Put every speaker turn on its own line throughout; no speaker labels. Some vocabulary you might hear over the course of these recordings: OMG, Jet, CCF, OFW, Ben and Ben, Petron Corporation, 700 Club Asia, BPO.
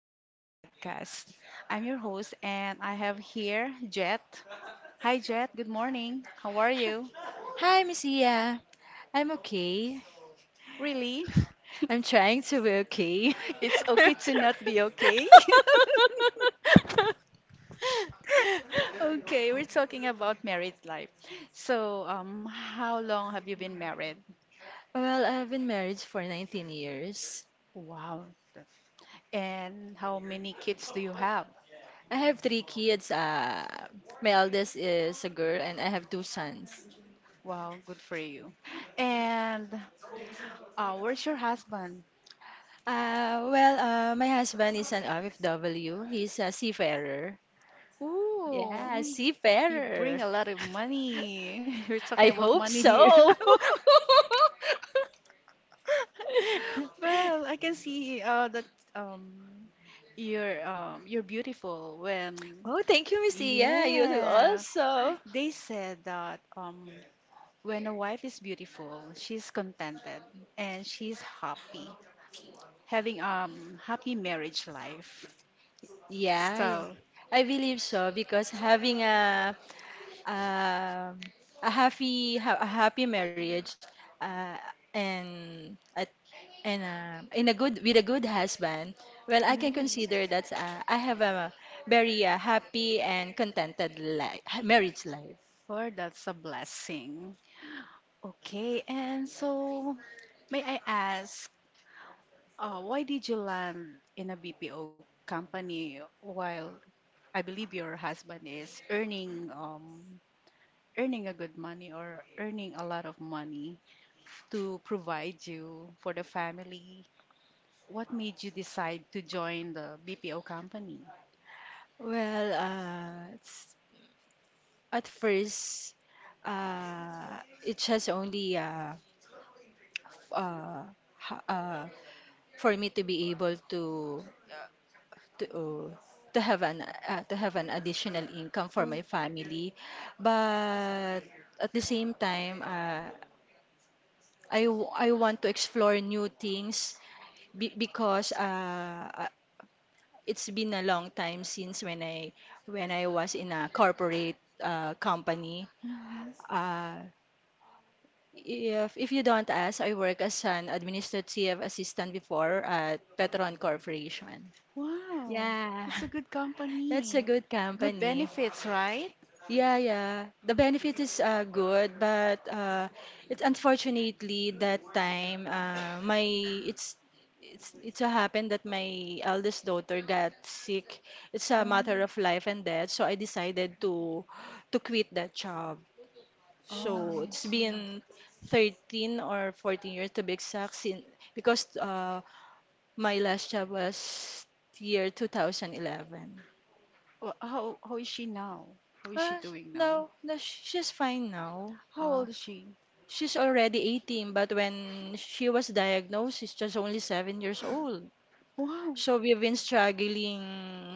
Welcome to podcast. I'm your host, and I have here Jet. Hi, Jet. Good morning. How are you?
Hi, Miss Iya. I'm okay.
Really?
I'm trying to be okay.
It's okay to not be okay. Okay, we're talking about married life. So, how long have you been married?
Well, I've been married for 19 years.
Wow. And how many kids do you have?
I have three kids. My eldest is a girl, and I have two sons.
Wow, good for you. And where's your husband?
Well, my husband is an OFW. He's a seafarer.
Ooh,
Yeah,
you
seafarer.
bring a lot of money. We're talking
I
about
hope
money here.
so.
Well, I can see that um, you're beautiful when
Oh, thank you, Missy. Yeah, you do
yeah.
also.
They said that when a wife is beautiful, she's contented and she's happy, having happy marriage life.
Yeah, yeah.
So,
I believe so because having um, a happy marriage uh, and a, and in a good with a good husband, well, I can
ooh,
consider that I have a very happy and contented life, marriage life.
Lord, that's a blessing. Okay, and so may I ask, why did you land in a BPO company while I believe your husband is earning earning a good money or earning a lot of money to provide you for the family? What made you decide to join the BPO company?
Well, uh, it's- at first, uh, it has only f- uh, ha- uh, for me to be able to uh, to have an additional income for my
Hmm.
family. But at the same time, I want to explore new things because it's been a long time since when I was in a corporate company. uh, if you don't ask, I work as an administrative assistant before at Petron Corporation.
Wow,
Yeah.
it's a good
That's a
company.
good
Good
company.
benefits, right?
Yeah, yeah. The benefit is good, but it's unfortunately that time, my it's so happened that my eldest daughter got sick. It's a
Um,
matter of life and death, so I decided to quit that job.
oh,
So
I
it's
see.
been 13 or 14 years to be exact, sin because my last job was year 2011.
How is she now? How is she
Uh,
doing now?
no, no, she's fine now.
How old is she?
She's already 18, but when she was diagnosed, she's just only 7 years old.
Wow.
So we've been struggling,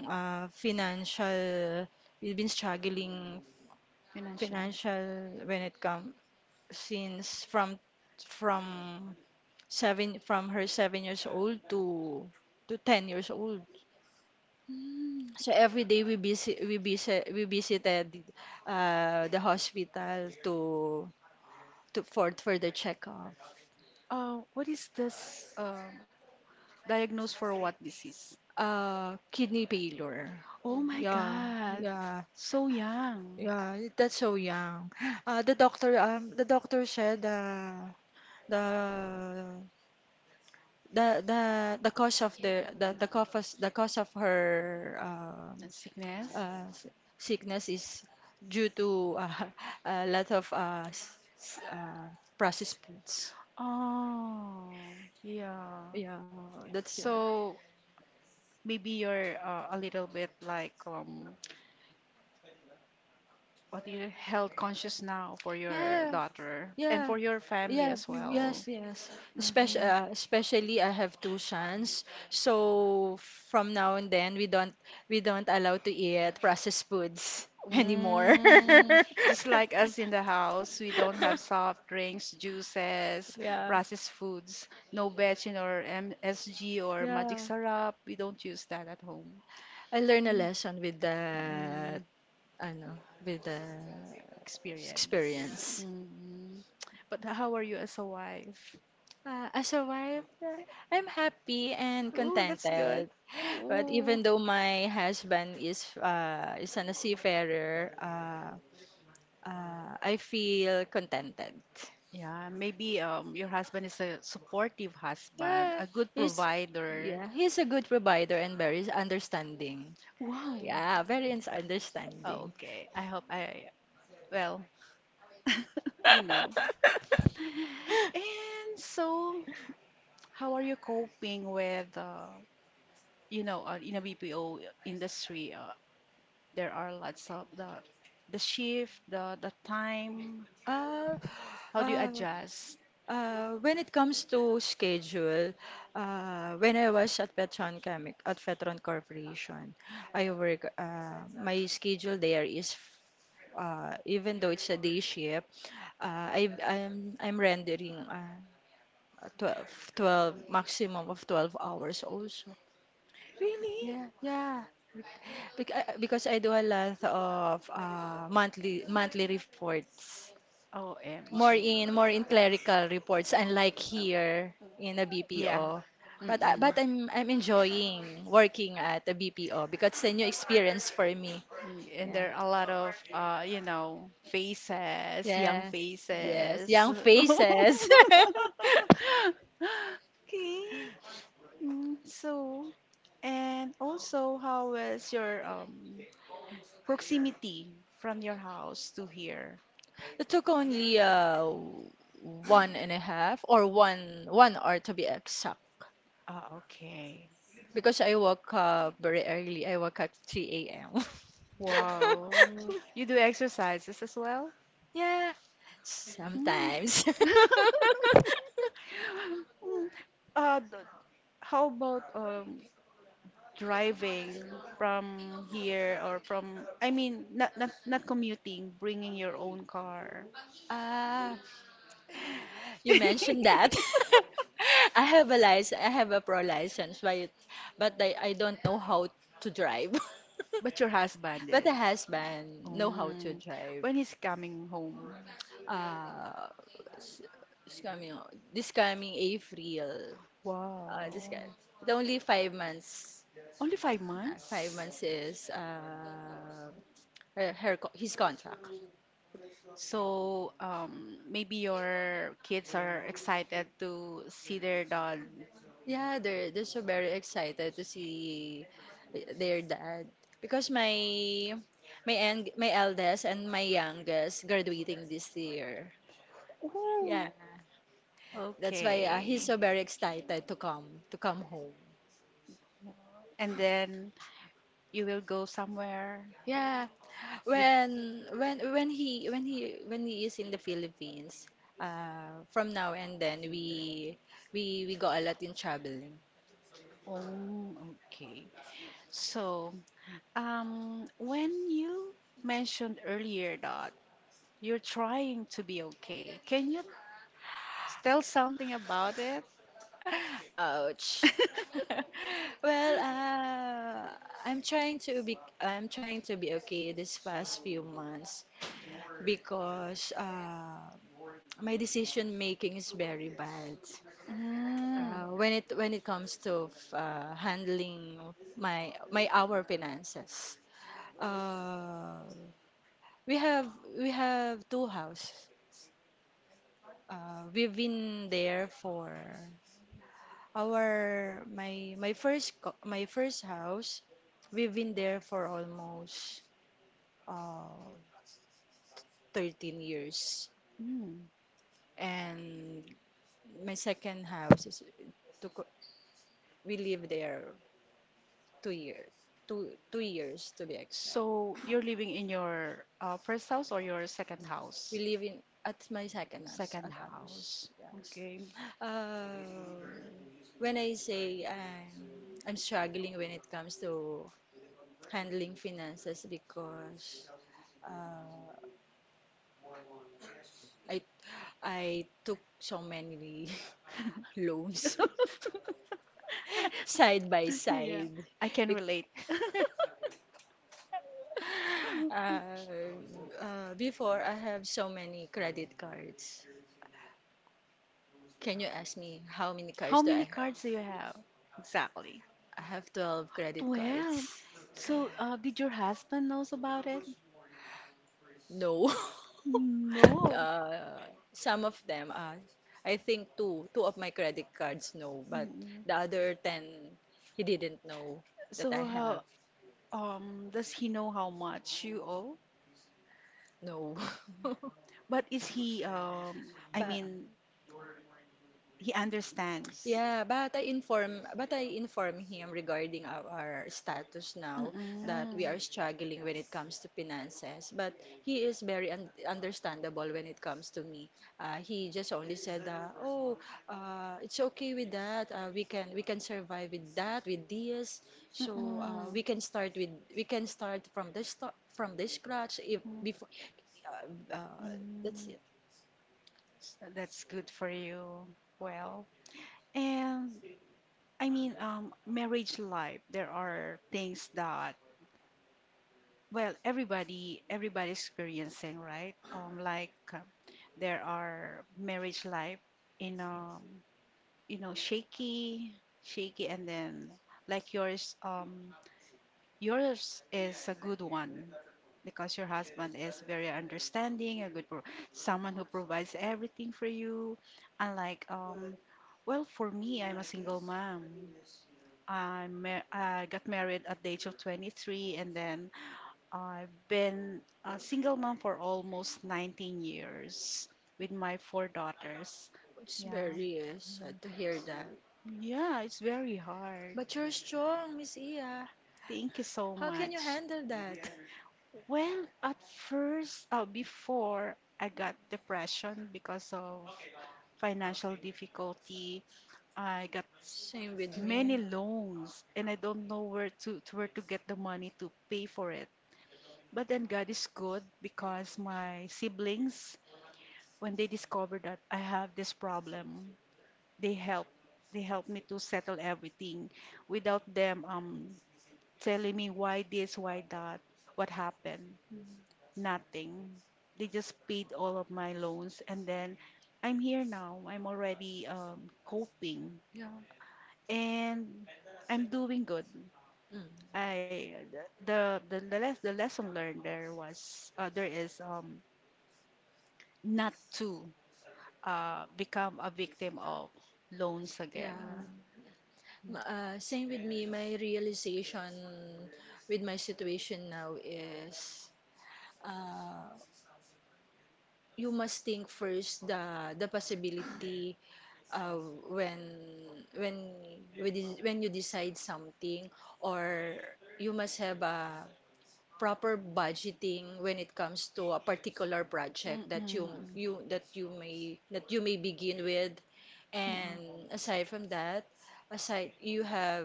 financial. We've been struggling
Financially.
Financial when it comes, since from seven, from her 7 years old to 10 years old.
Mm.
So every day we visited the hospital to, for the checkup.
What is this? Diagnosed for what disease?
Kidney failure.
Oh my
Yeah,
God.
yeah,
So young.
yeah. That's so young. The doctor said, the the cause of the cause of her
And sickness?
uh, s- sickness is due to, a lot of processed foods.
Oh, yeah.
Yeah, that's it.
So maybe you're a little bit like what you health conscious now for your
Yeah.
daughter and
Yeah,
for your family
yeah,
as well.
yes, yes. Especially,
Mhm.
uh, especially I have two sons, so from now and then we don't allow to eat processed foods anymore.
Mm, just like us in the house, we don't have soft drinks, juices,
Yeah,
processed foods, no betchin or MSG or magic
yeah.
syrup. We don't use that at home.
I learned a
Mm,
lesson with that,
mm,
I know, with the
experience.
experience.
Mm. But how are you as a wife?
As a wife, I'm happy and
Ooh, that's good.
contented. But
Ooh.
even though my husband is an a seafarer, I feel contented.
Yeah, maybe your husband is a supportive husband,
Yeah,
a good
he's
provider.
yeah, he's a good provider and very understanding.
Why?
Yeah, very understanding.
Okay, I hope I, well, you know. And so, how are you coping with, you know, in a BPO industry, there are lots of the shift, the time.
Uh,
How do you
uh,
adjust?
When it comes to schedule, when I was at Petron Chemic at Petron Corporation, I work. My schedule there is, even though it's a day shift, I'm rendering, 12, 12 maximum of 12 hours also.
Really?
Yeah, yeah. Because I do a lot of monthly reports.
OMG.
More in clerical reports, unlike
Oh,
here in a
yeah.
BPO. but I-
Mm-mm.
but I'm enjoying working at a BPO because it's a new experience for me.
And
Yeah,
there are a lot of, you know, faces, young
yes, yes,
faces.
young faces.
Okay. Mm, so, and also, how is your proximity from your house to here?
It took only one and a half or one hour to be exact,
Ah, okay.
because I woke up very early. I woke up 3 a.m.
Wow. You do exercises as well?
Yeah,
Mm.
sometimes.
Mm. Uh, th- how about driving from here or from, I mean, not commuting, bringing your own car.
Ah, you mentioned that. I have a license, I have a pro license, but I don't know how to drive.
But your husband
But the
is.
husband know how to
Mm.
drive.
When he's coming home.
Uh, s- this coming April, this guy,
Wow.
the only 5 months.
Only five
Five
months?
months is, his contract.
So maybe your kids are excited to see their dog.
Yeah, they're so very excited to see their dad because my eldest and my youngest graduating this year. Yeah,
Ooh,
that's why he's
okay.
so very excited to come home.
And then you will go somewhere.
Yeah,
You,
when he is in the Philippines, from now and then we go a lot in traveling.
oh, okay. So, when you mentioned earlier that you're trying to be okay, can you tell something about it?
Ouch. Well, I'm trying to be okay this past few months because my decision making is very bad.
Mm,
When it comes to handling my my our finances. Uh, we have we have two houses. We've been there for Our my my first co- My first house, we've been there for almost, uh 13 years.
mm.
And my second house is, to co- we live there 2 years. Two years to be exact.
So you're living in your first house or your second house?
We live in at my second house,
Second
at
house.
house. Yes.
Okay.
Uh, when I say I'm struggling when it comes to handling finances because uh, I I took so many loans side by
Yeah,
side.
I can
Bec-
relate.
Uh, Before I have so many credit cards. Can you ask me how many cards
How
do I
many
have?
cards do you have? Exactly.
I have 12 credit
Well,
cards.
so did your husband knows about it?
No.
No.
Uh, some of them are, I think two of my credit cards know, but
Mm.
the other 10, he didn't know that I
So how
have.
does he know how much you owe?
No.
But is he I
Ba
mean he understands.
Yeah, but I inform him regarding our status now, that
Mm-mm.
we are struggling when it comes to finances. But he is very un understandable when it comes to me. He just only said, "Oh, it's okay with that. We can survive with that, with this. So, we can start from the scratch if
Mm-mm.
before, uh, uh, that's
Mm-mm.
it."
That's good for you. Well, and I mean, marriage life, there are things that, well, everybody experiencing, right? Like there are marriage life in you know, shaky, and then like yours, yours is a good one because your husband is very understanding, a good someone who provides everything for you. Unlike, well, for me, I'm a single mom. I got married at the age of 23, and then I've been a single mom for almost 19 years with my four daughters.
It's
Yeah,
very, sad to hear that.
yeah, it's very hard.
But you're strong, Miss Iya.
Thank you so
How can you
much.
handle that?
Well, at first, before I got depression because of financial difficulty, I got
Same with
many
me.
loans and I don't know where to, where to get the money to pay for it. But then God is good because my siblings, when they discovered that I have this problem, they help they help me to settle everything without them telling me why this, why that, what happened.
Mm,
Nothing. They just paid all of my loans and then I'm here now. I'm already coping
yeah.
and I'm doing good.
Mm.
I the, les- the lesson learned there was there is not to become a victim of loans
Yeah.
again.
Same with me. My realization with my situation now is, uh, you must think first the possibility. uh, when when when you when you decide something, or you must have a proper budgeting when it comes to a particular project
Mm,
that
mm,
you
mm.
you that you may begin with. And
Mm,
aside from that, aside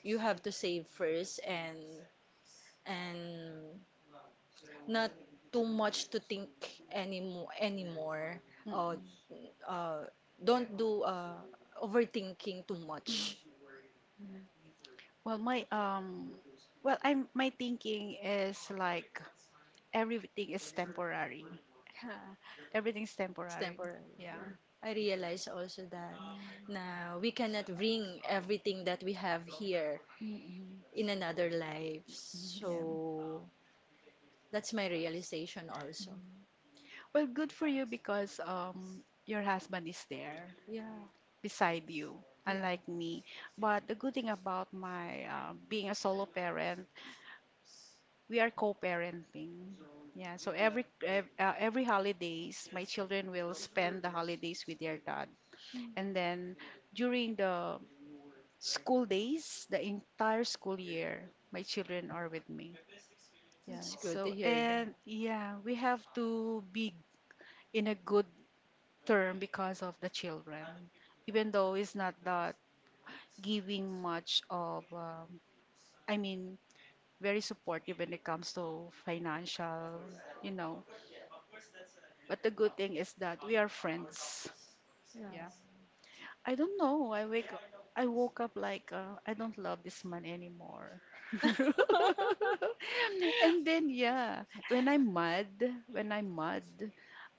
you have to save first. And and not too much to think, anymore, uh, uh, don't do
mm,
overthinking too much.
mm, mm. Well, my well, I'm my thinking is like everything is temporary.
Yeah,
Everything's
it's
temporary.
temporary.
Yeah.
I realize also that na we cannot bring everything that we have here
Mm-mm.
in another life.
Yeah.
So that's my realization also.
Mhm. Well, good for you because your husband is there
Yeah,
beside you,
yeah.
unlike me. But the good thing about my being a solo parent, we are co-parenting. Yeah, so every every holidays, my children will spend the holidays with their dad.
Mm.
And then during the school days, the entire school year, my children are with me. Yeah.
That's good to
So,
hear that.
and yeah, we have to be in a good term because of the children, even though it's not that giving much of, I mean, very supportive when it comes to financial, you know. But the good thing is that we are friends.
Yeah.
Yeah. I don't know. I woke up like I don't love this man anymore. And then yeah, when I'm mad,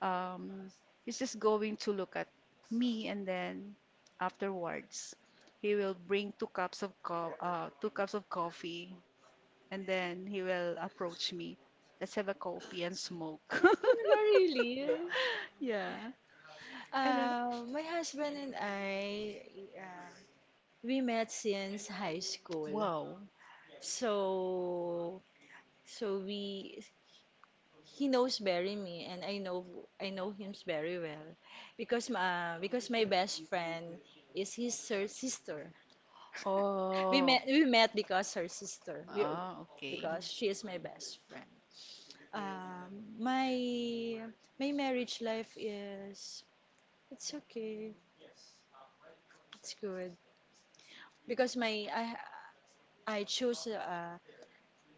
um, he's just going to look at me, and then afterwards, he will bring two cups of coffee, and then he will approach me. Let's have a coffee and smoke.
Talaga, really.
Yeah, and then
My husband and I, uh, we met since high school.
wow,
So, so we He knows very me, and I know him very well because my best friend is his her sister. we
oh,
met we met because her sister we,
oh, okay.
because she is my best friend. Um, my my marriage life is, it's okay, it's good because my I choose uh,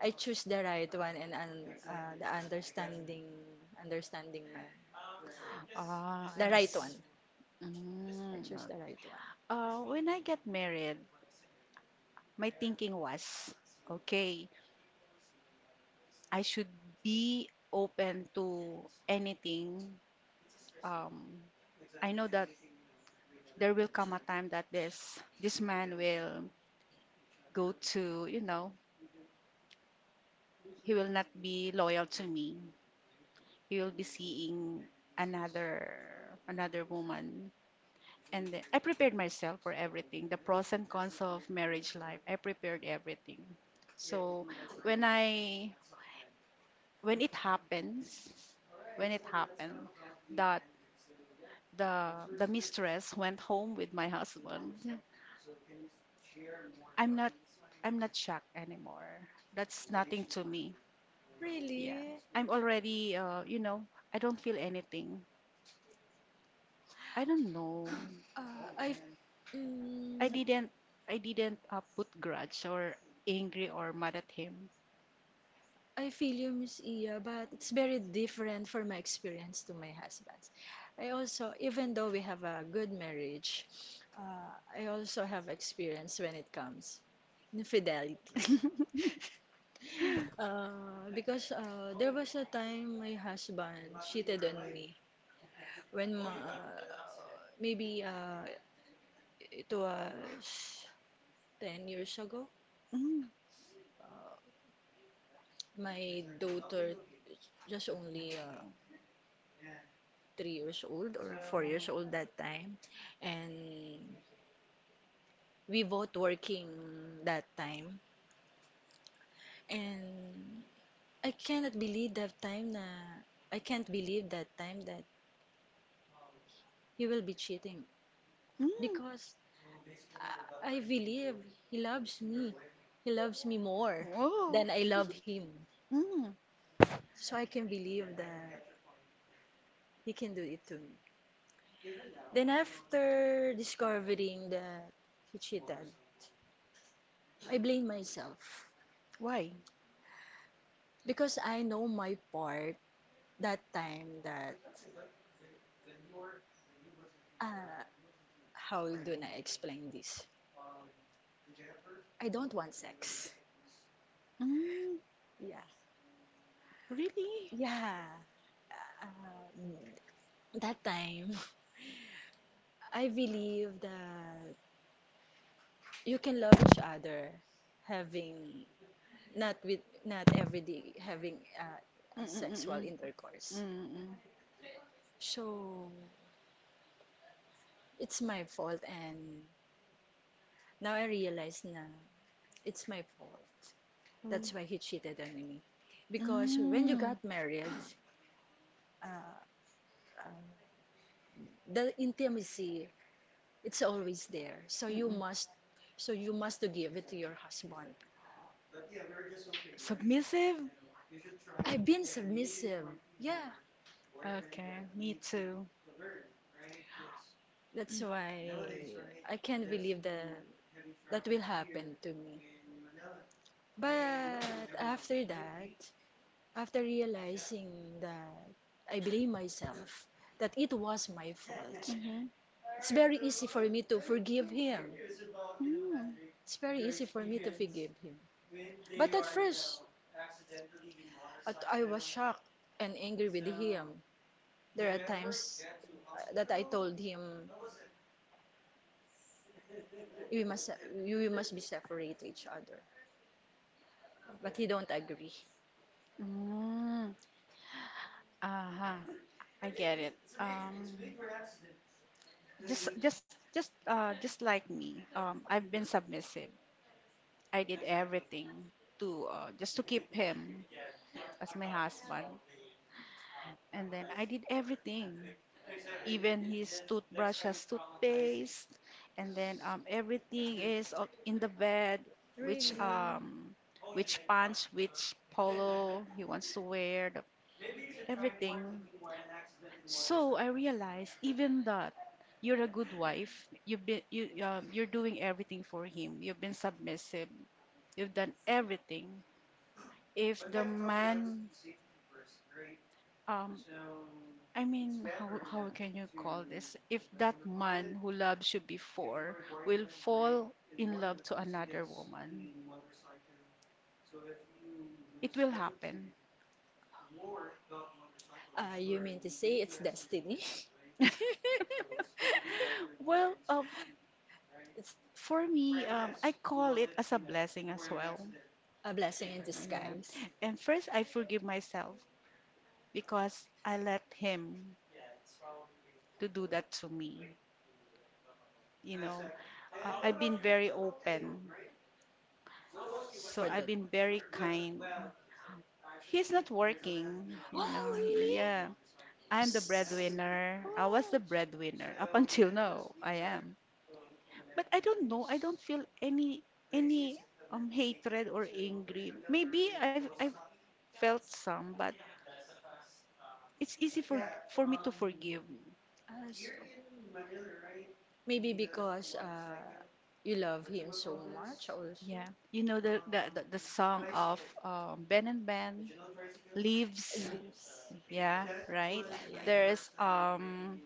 I choose the right one, and the understanding, man,
Ah,
the
I
right one.
see.
I
Mm,
choose the right one.
when I get married, my thinking was, okay, I should be open to anything. Um, I know that there will come a time that this man will go to, you know, he will not be loyal to me. He will be seeing another another woman. And then I prepared myself for everything, the pros and cons of marriage life. I prepared everything. So when I when it happens, when it happened that the the mistress went home with my husband, I'm not I'm not shocked anymore. That's nothing to me. Yeah.
Really.
I'm already you know, I don't feel anything. I don't know.
uh, I mm,
I didn't I didn't put grudge or angry or mad at him.
I feel you, Miss Iya, but it's very different for my experience to my husband's. I also, even though we have a good marriage, I also have experience when it comes infidelity. Because, there was a time my husband cheated on me, when ma- uh, maybe, it was 10 years ago.
Mm,
My daughter just only, 3 years old or 4 years old that time, and we both working that time, and I cannot believe that time na I can't believe that time, that he will be cheating
mm.
because I believe he loves me, he loves me more
Whoa.
than I love him,
Mm,
so I can believe that he can do it to me. Then after discovering that he cheated, I blame myself
why?
because I know my part that time, that, uh, how do I explain this? I don't want sex.
Mm,
Yeah,
really?
yeah. Um, that time, I believe that you can love each other, having not with not every day having,
Mm,
a sexual
mm, mm,
intercourse.
mm,
So it's my fault, and now I realize na it's my fault.
mm,
That's why he cheated on me.
mm,
Because when you
mm,
got married, the intimacy, it's always there. So
mm, mm.
you must to give it to your husband.
Submissive?
I've been submissive. Yeah,
Okay, me too.
that's why I can't believe that that will happen to me. But after that, after realizing that I blame myself, that it was my fault,
Mm-hmm.
it's very easy for me to forgive him.
Mm.
It's very easy for me to forgive him. But at first, I was shocked and angry with him. There are times, that I told him, we must be separate to each other," but he don't agree.
Mm. Uh-huh. I get it. Just like me. I've been submissive. I did everything to just to keep him as my husband. And then I did everything, even his toothbrush has toothpaste, and then everything is up in the bed, which
Really?
um, which pants, which polo he wants to wear, everything. So I realized even that you're a good wife. You've been you you're doing everything for him. You've been submissive. You've done everything. If the man um I mean how can you call this, if that man who loves you before will fall in love to another woman, it will happen.
You mean to say it's destiny?
Well,
It's
for me, I call it as a blessing as well.
a blessing in
Yeah.
disguise
And first I forgive myself because I let him to do that to me, you know. I've been very open.
for
So I've
the...
been very kind. He's not working, you
Oh,
know.
really?
Yeah. I'm the breadwinner. I was
Oh,
the breadwinner up until now. I am. But I don't know. I don't feel any hatred or angry. Maybe I've felt some, but it's easy for me to forgive.
so maybe because, you love him so much, also.
Yeah. You know the song of Ben and Ben, Leaves.
This.
Yeah, right.
Yeah, yeah, yeah.
There's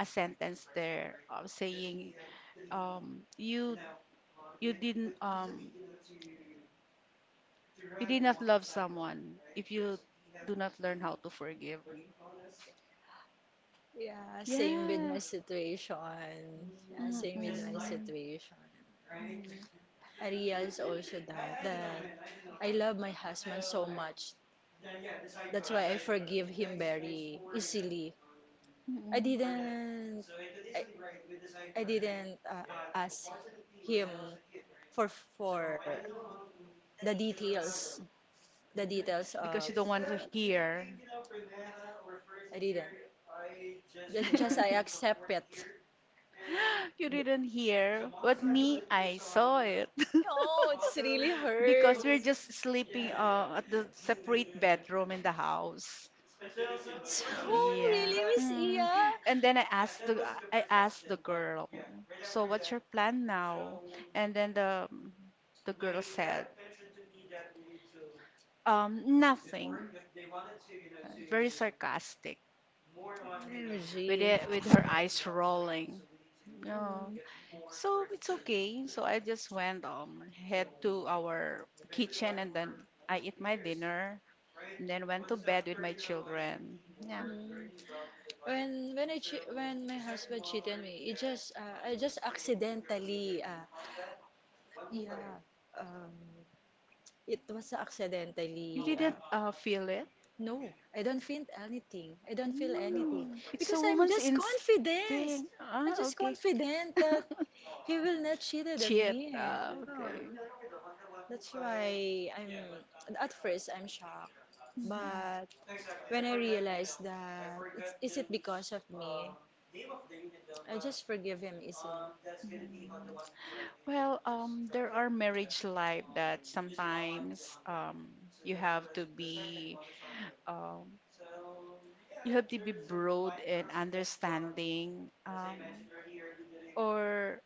a sentence there of saying um you you didn't you did not love someone if you do not learn how to forgive.
Yeah, same with my situation. Yeah, same with my
Mm-mm.
situation. I realized also that I love my husband so much. That's why I forgive him very easily.
Mm, mm,
I
mm.
didn't. I, I didn't, ask him for for the details, the details
Because
of.
you don't want to hear.
I didn't. Just I accept it.
You didn't hear, but me, I saw it.
No, it's really
Because
hurt.
we're just sleeping at the separate bedroom in the house.
So
Yeah.
really, Miss
Mm.
Iya.
And then I asked the girl, so what's your plan now? And then the girl said, nothing. Very sarcastic with
OMG.
it, with her eyes rolling. Yeah.
Mm.
So it's okay. So I just went head to our kitchen and then I eat my dinner and then went to bed with my children. Yeah.
Mm. When when my husband cheated me, it just, I just accidentally, yeah um it was
You
accidentally,
didn't feel it?
no, I don't feel anything
Mm, it's a
because
woman's instinct.
I'm
Ah,
just
okay.
confident that he will not cheated on
Cheat.
me.
Ah,
No.
okay.
That's why I'm At first I'm shocked.
Mm-hmm.
But when I realized that is it because of me, I just forgive him easily.
Well, there are marriage life that sometimes you have to be um, you have to be broad and understanding, or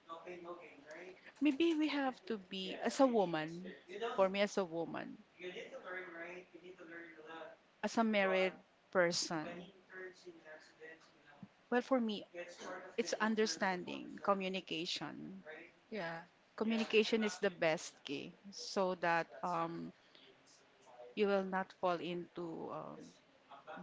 maybe we have to be as a woman. For me, as a woman, as a married person. Well, for me, it's understanding, communication.
Yeah.
Communication is the best key so that you will not fall into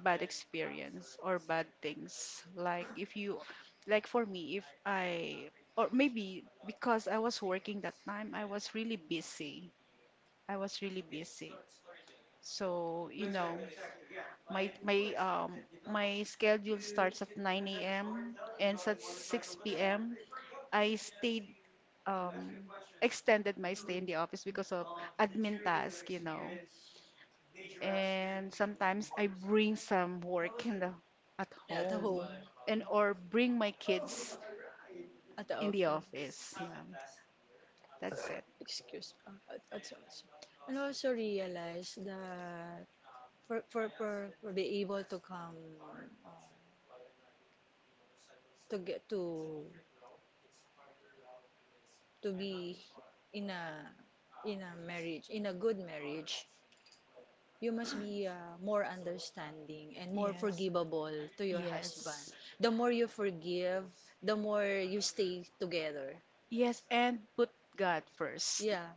bad experience or bad things, like if you, like for me, if I, or maybe because I was working that time, I was really busy, i was really busy so you know, my my schedule starts at 9 a.m ends at 6 p.m. I stayed, um, extended my stay in the office because of admin task, you know. And sometimes I bring some work in the at
Yeah, at home,
home, and or bring my kids
at the
in the
office.
office. Yeah. That's it.
Excuse me, at also. And also realize that for be able to come, uh, to get to be in a in a marriage, in a good marriage, you must be, more understanding and more
Yes.
forgivable to your husband.
Yes.
The more you forgive, the more you stay together.
Yes, and put God first.
Yeah,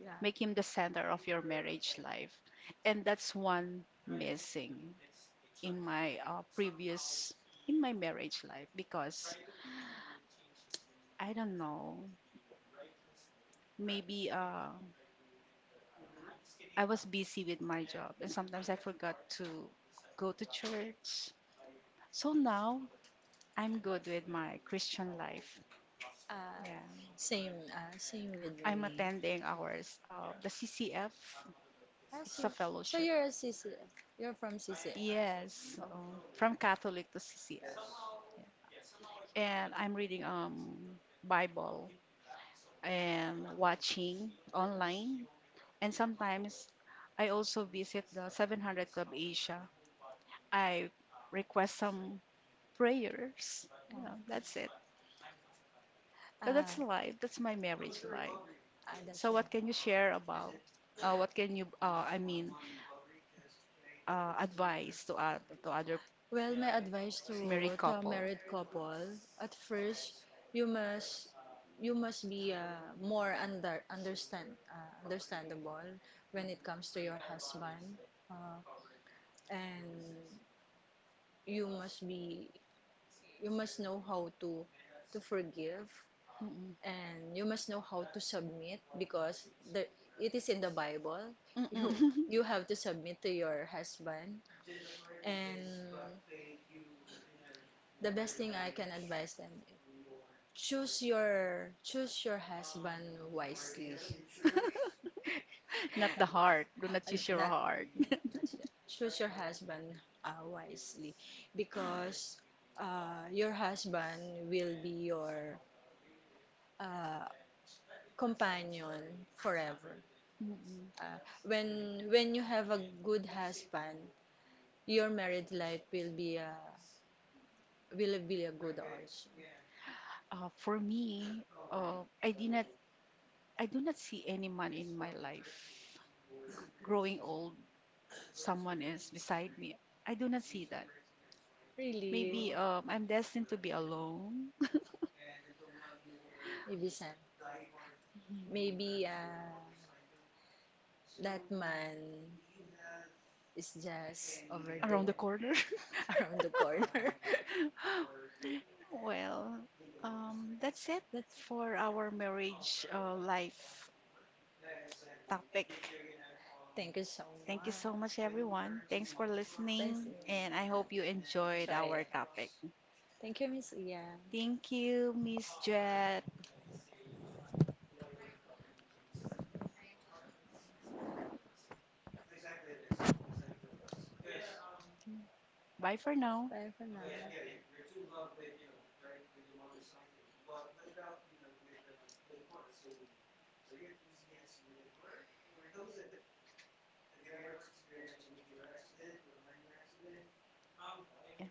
yeah.
Make him the center of your marriage life. And that's one missing in my previous in my marriage life, because I don't know, maybe I was busy with my job and sometimes I forgot to go to church. So now I'm good with my Christian life.
Uh,
Yeah.
Same with
I'm
me.
attending ours, the CCF.
Ah,
It's a
so
fellowship.
you're a CC, you're from C C.
Yes, from Catholic to CCF. And I'm reading Bible and watching online. And sometimes I also visit the 700 Club Asia. I request some prayers.
Ah,
Yeah, that's it. So that's
ah,
life. That's my marriage life.
that's
So
right.
what can you share about? What can you? I mean, advice to other
Well, my advice
married
to
couple.
a married couple: at first, you must you must be, more understandable when it comes to your husband, uh, and you must be you must know how to forgive.
Mm-mm.
And you must know how to submit because the, it is in the Bible. You
Mm-mm.
you have to submit to your husband. And the best thing I can advise them, choose your husband wisely. Uh,
Not the heart. Do not use your
Not,
heart.
not Choose your husband, wisely, because your husband will be your, uh, companion forever.
Mm-mm.
When you have a good husband, your married life will be a good also.
For me, I did not. I do not see any man in my life growing old. Someone is beside me. I do not see that.
Really,
Maybe I'm destined to be alone
Ibisem. Maybe, that man is just over
around the
there,
corner.
around the corner.
Well, that's it
That's it.
for our marriage life topic.
Thank you so
Thank you so much,
much.
everyone. Thanks for
Please,
listening, and I hope you enjoyed
enjoy
our
it.
topic.
Thank you, Miss Iya.
Thank you, Miss Jet. Bye for now.
Bye for now.
Yeah.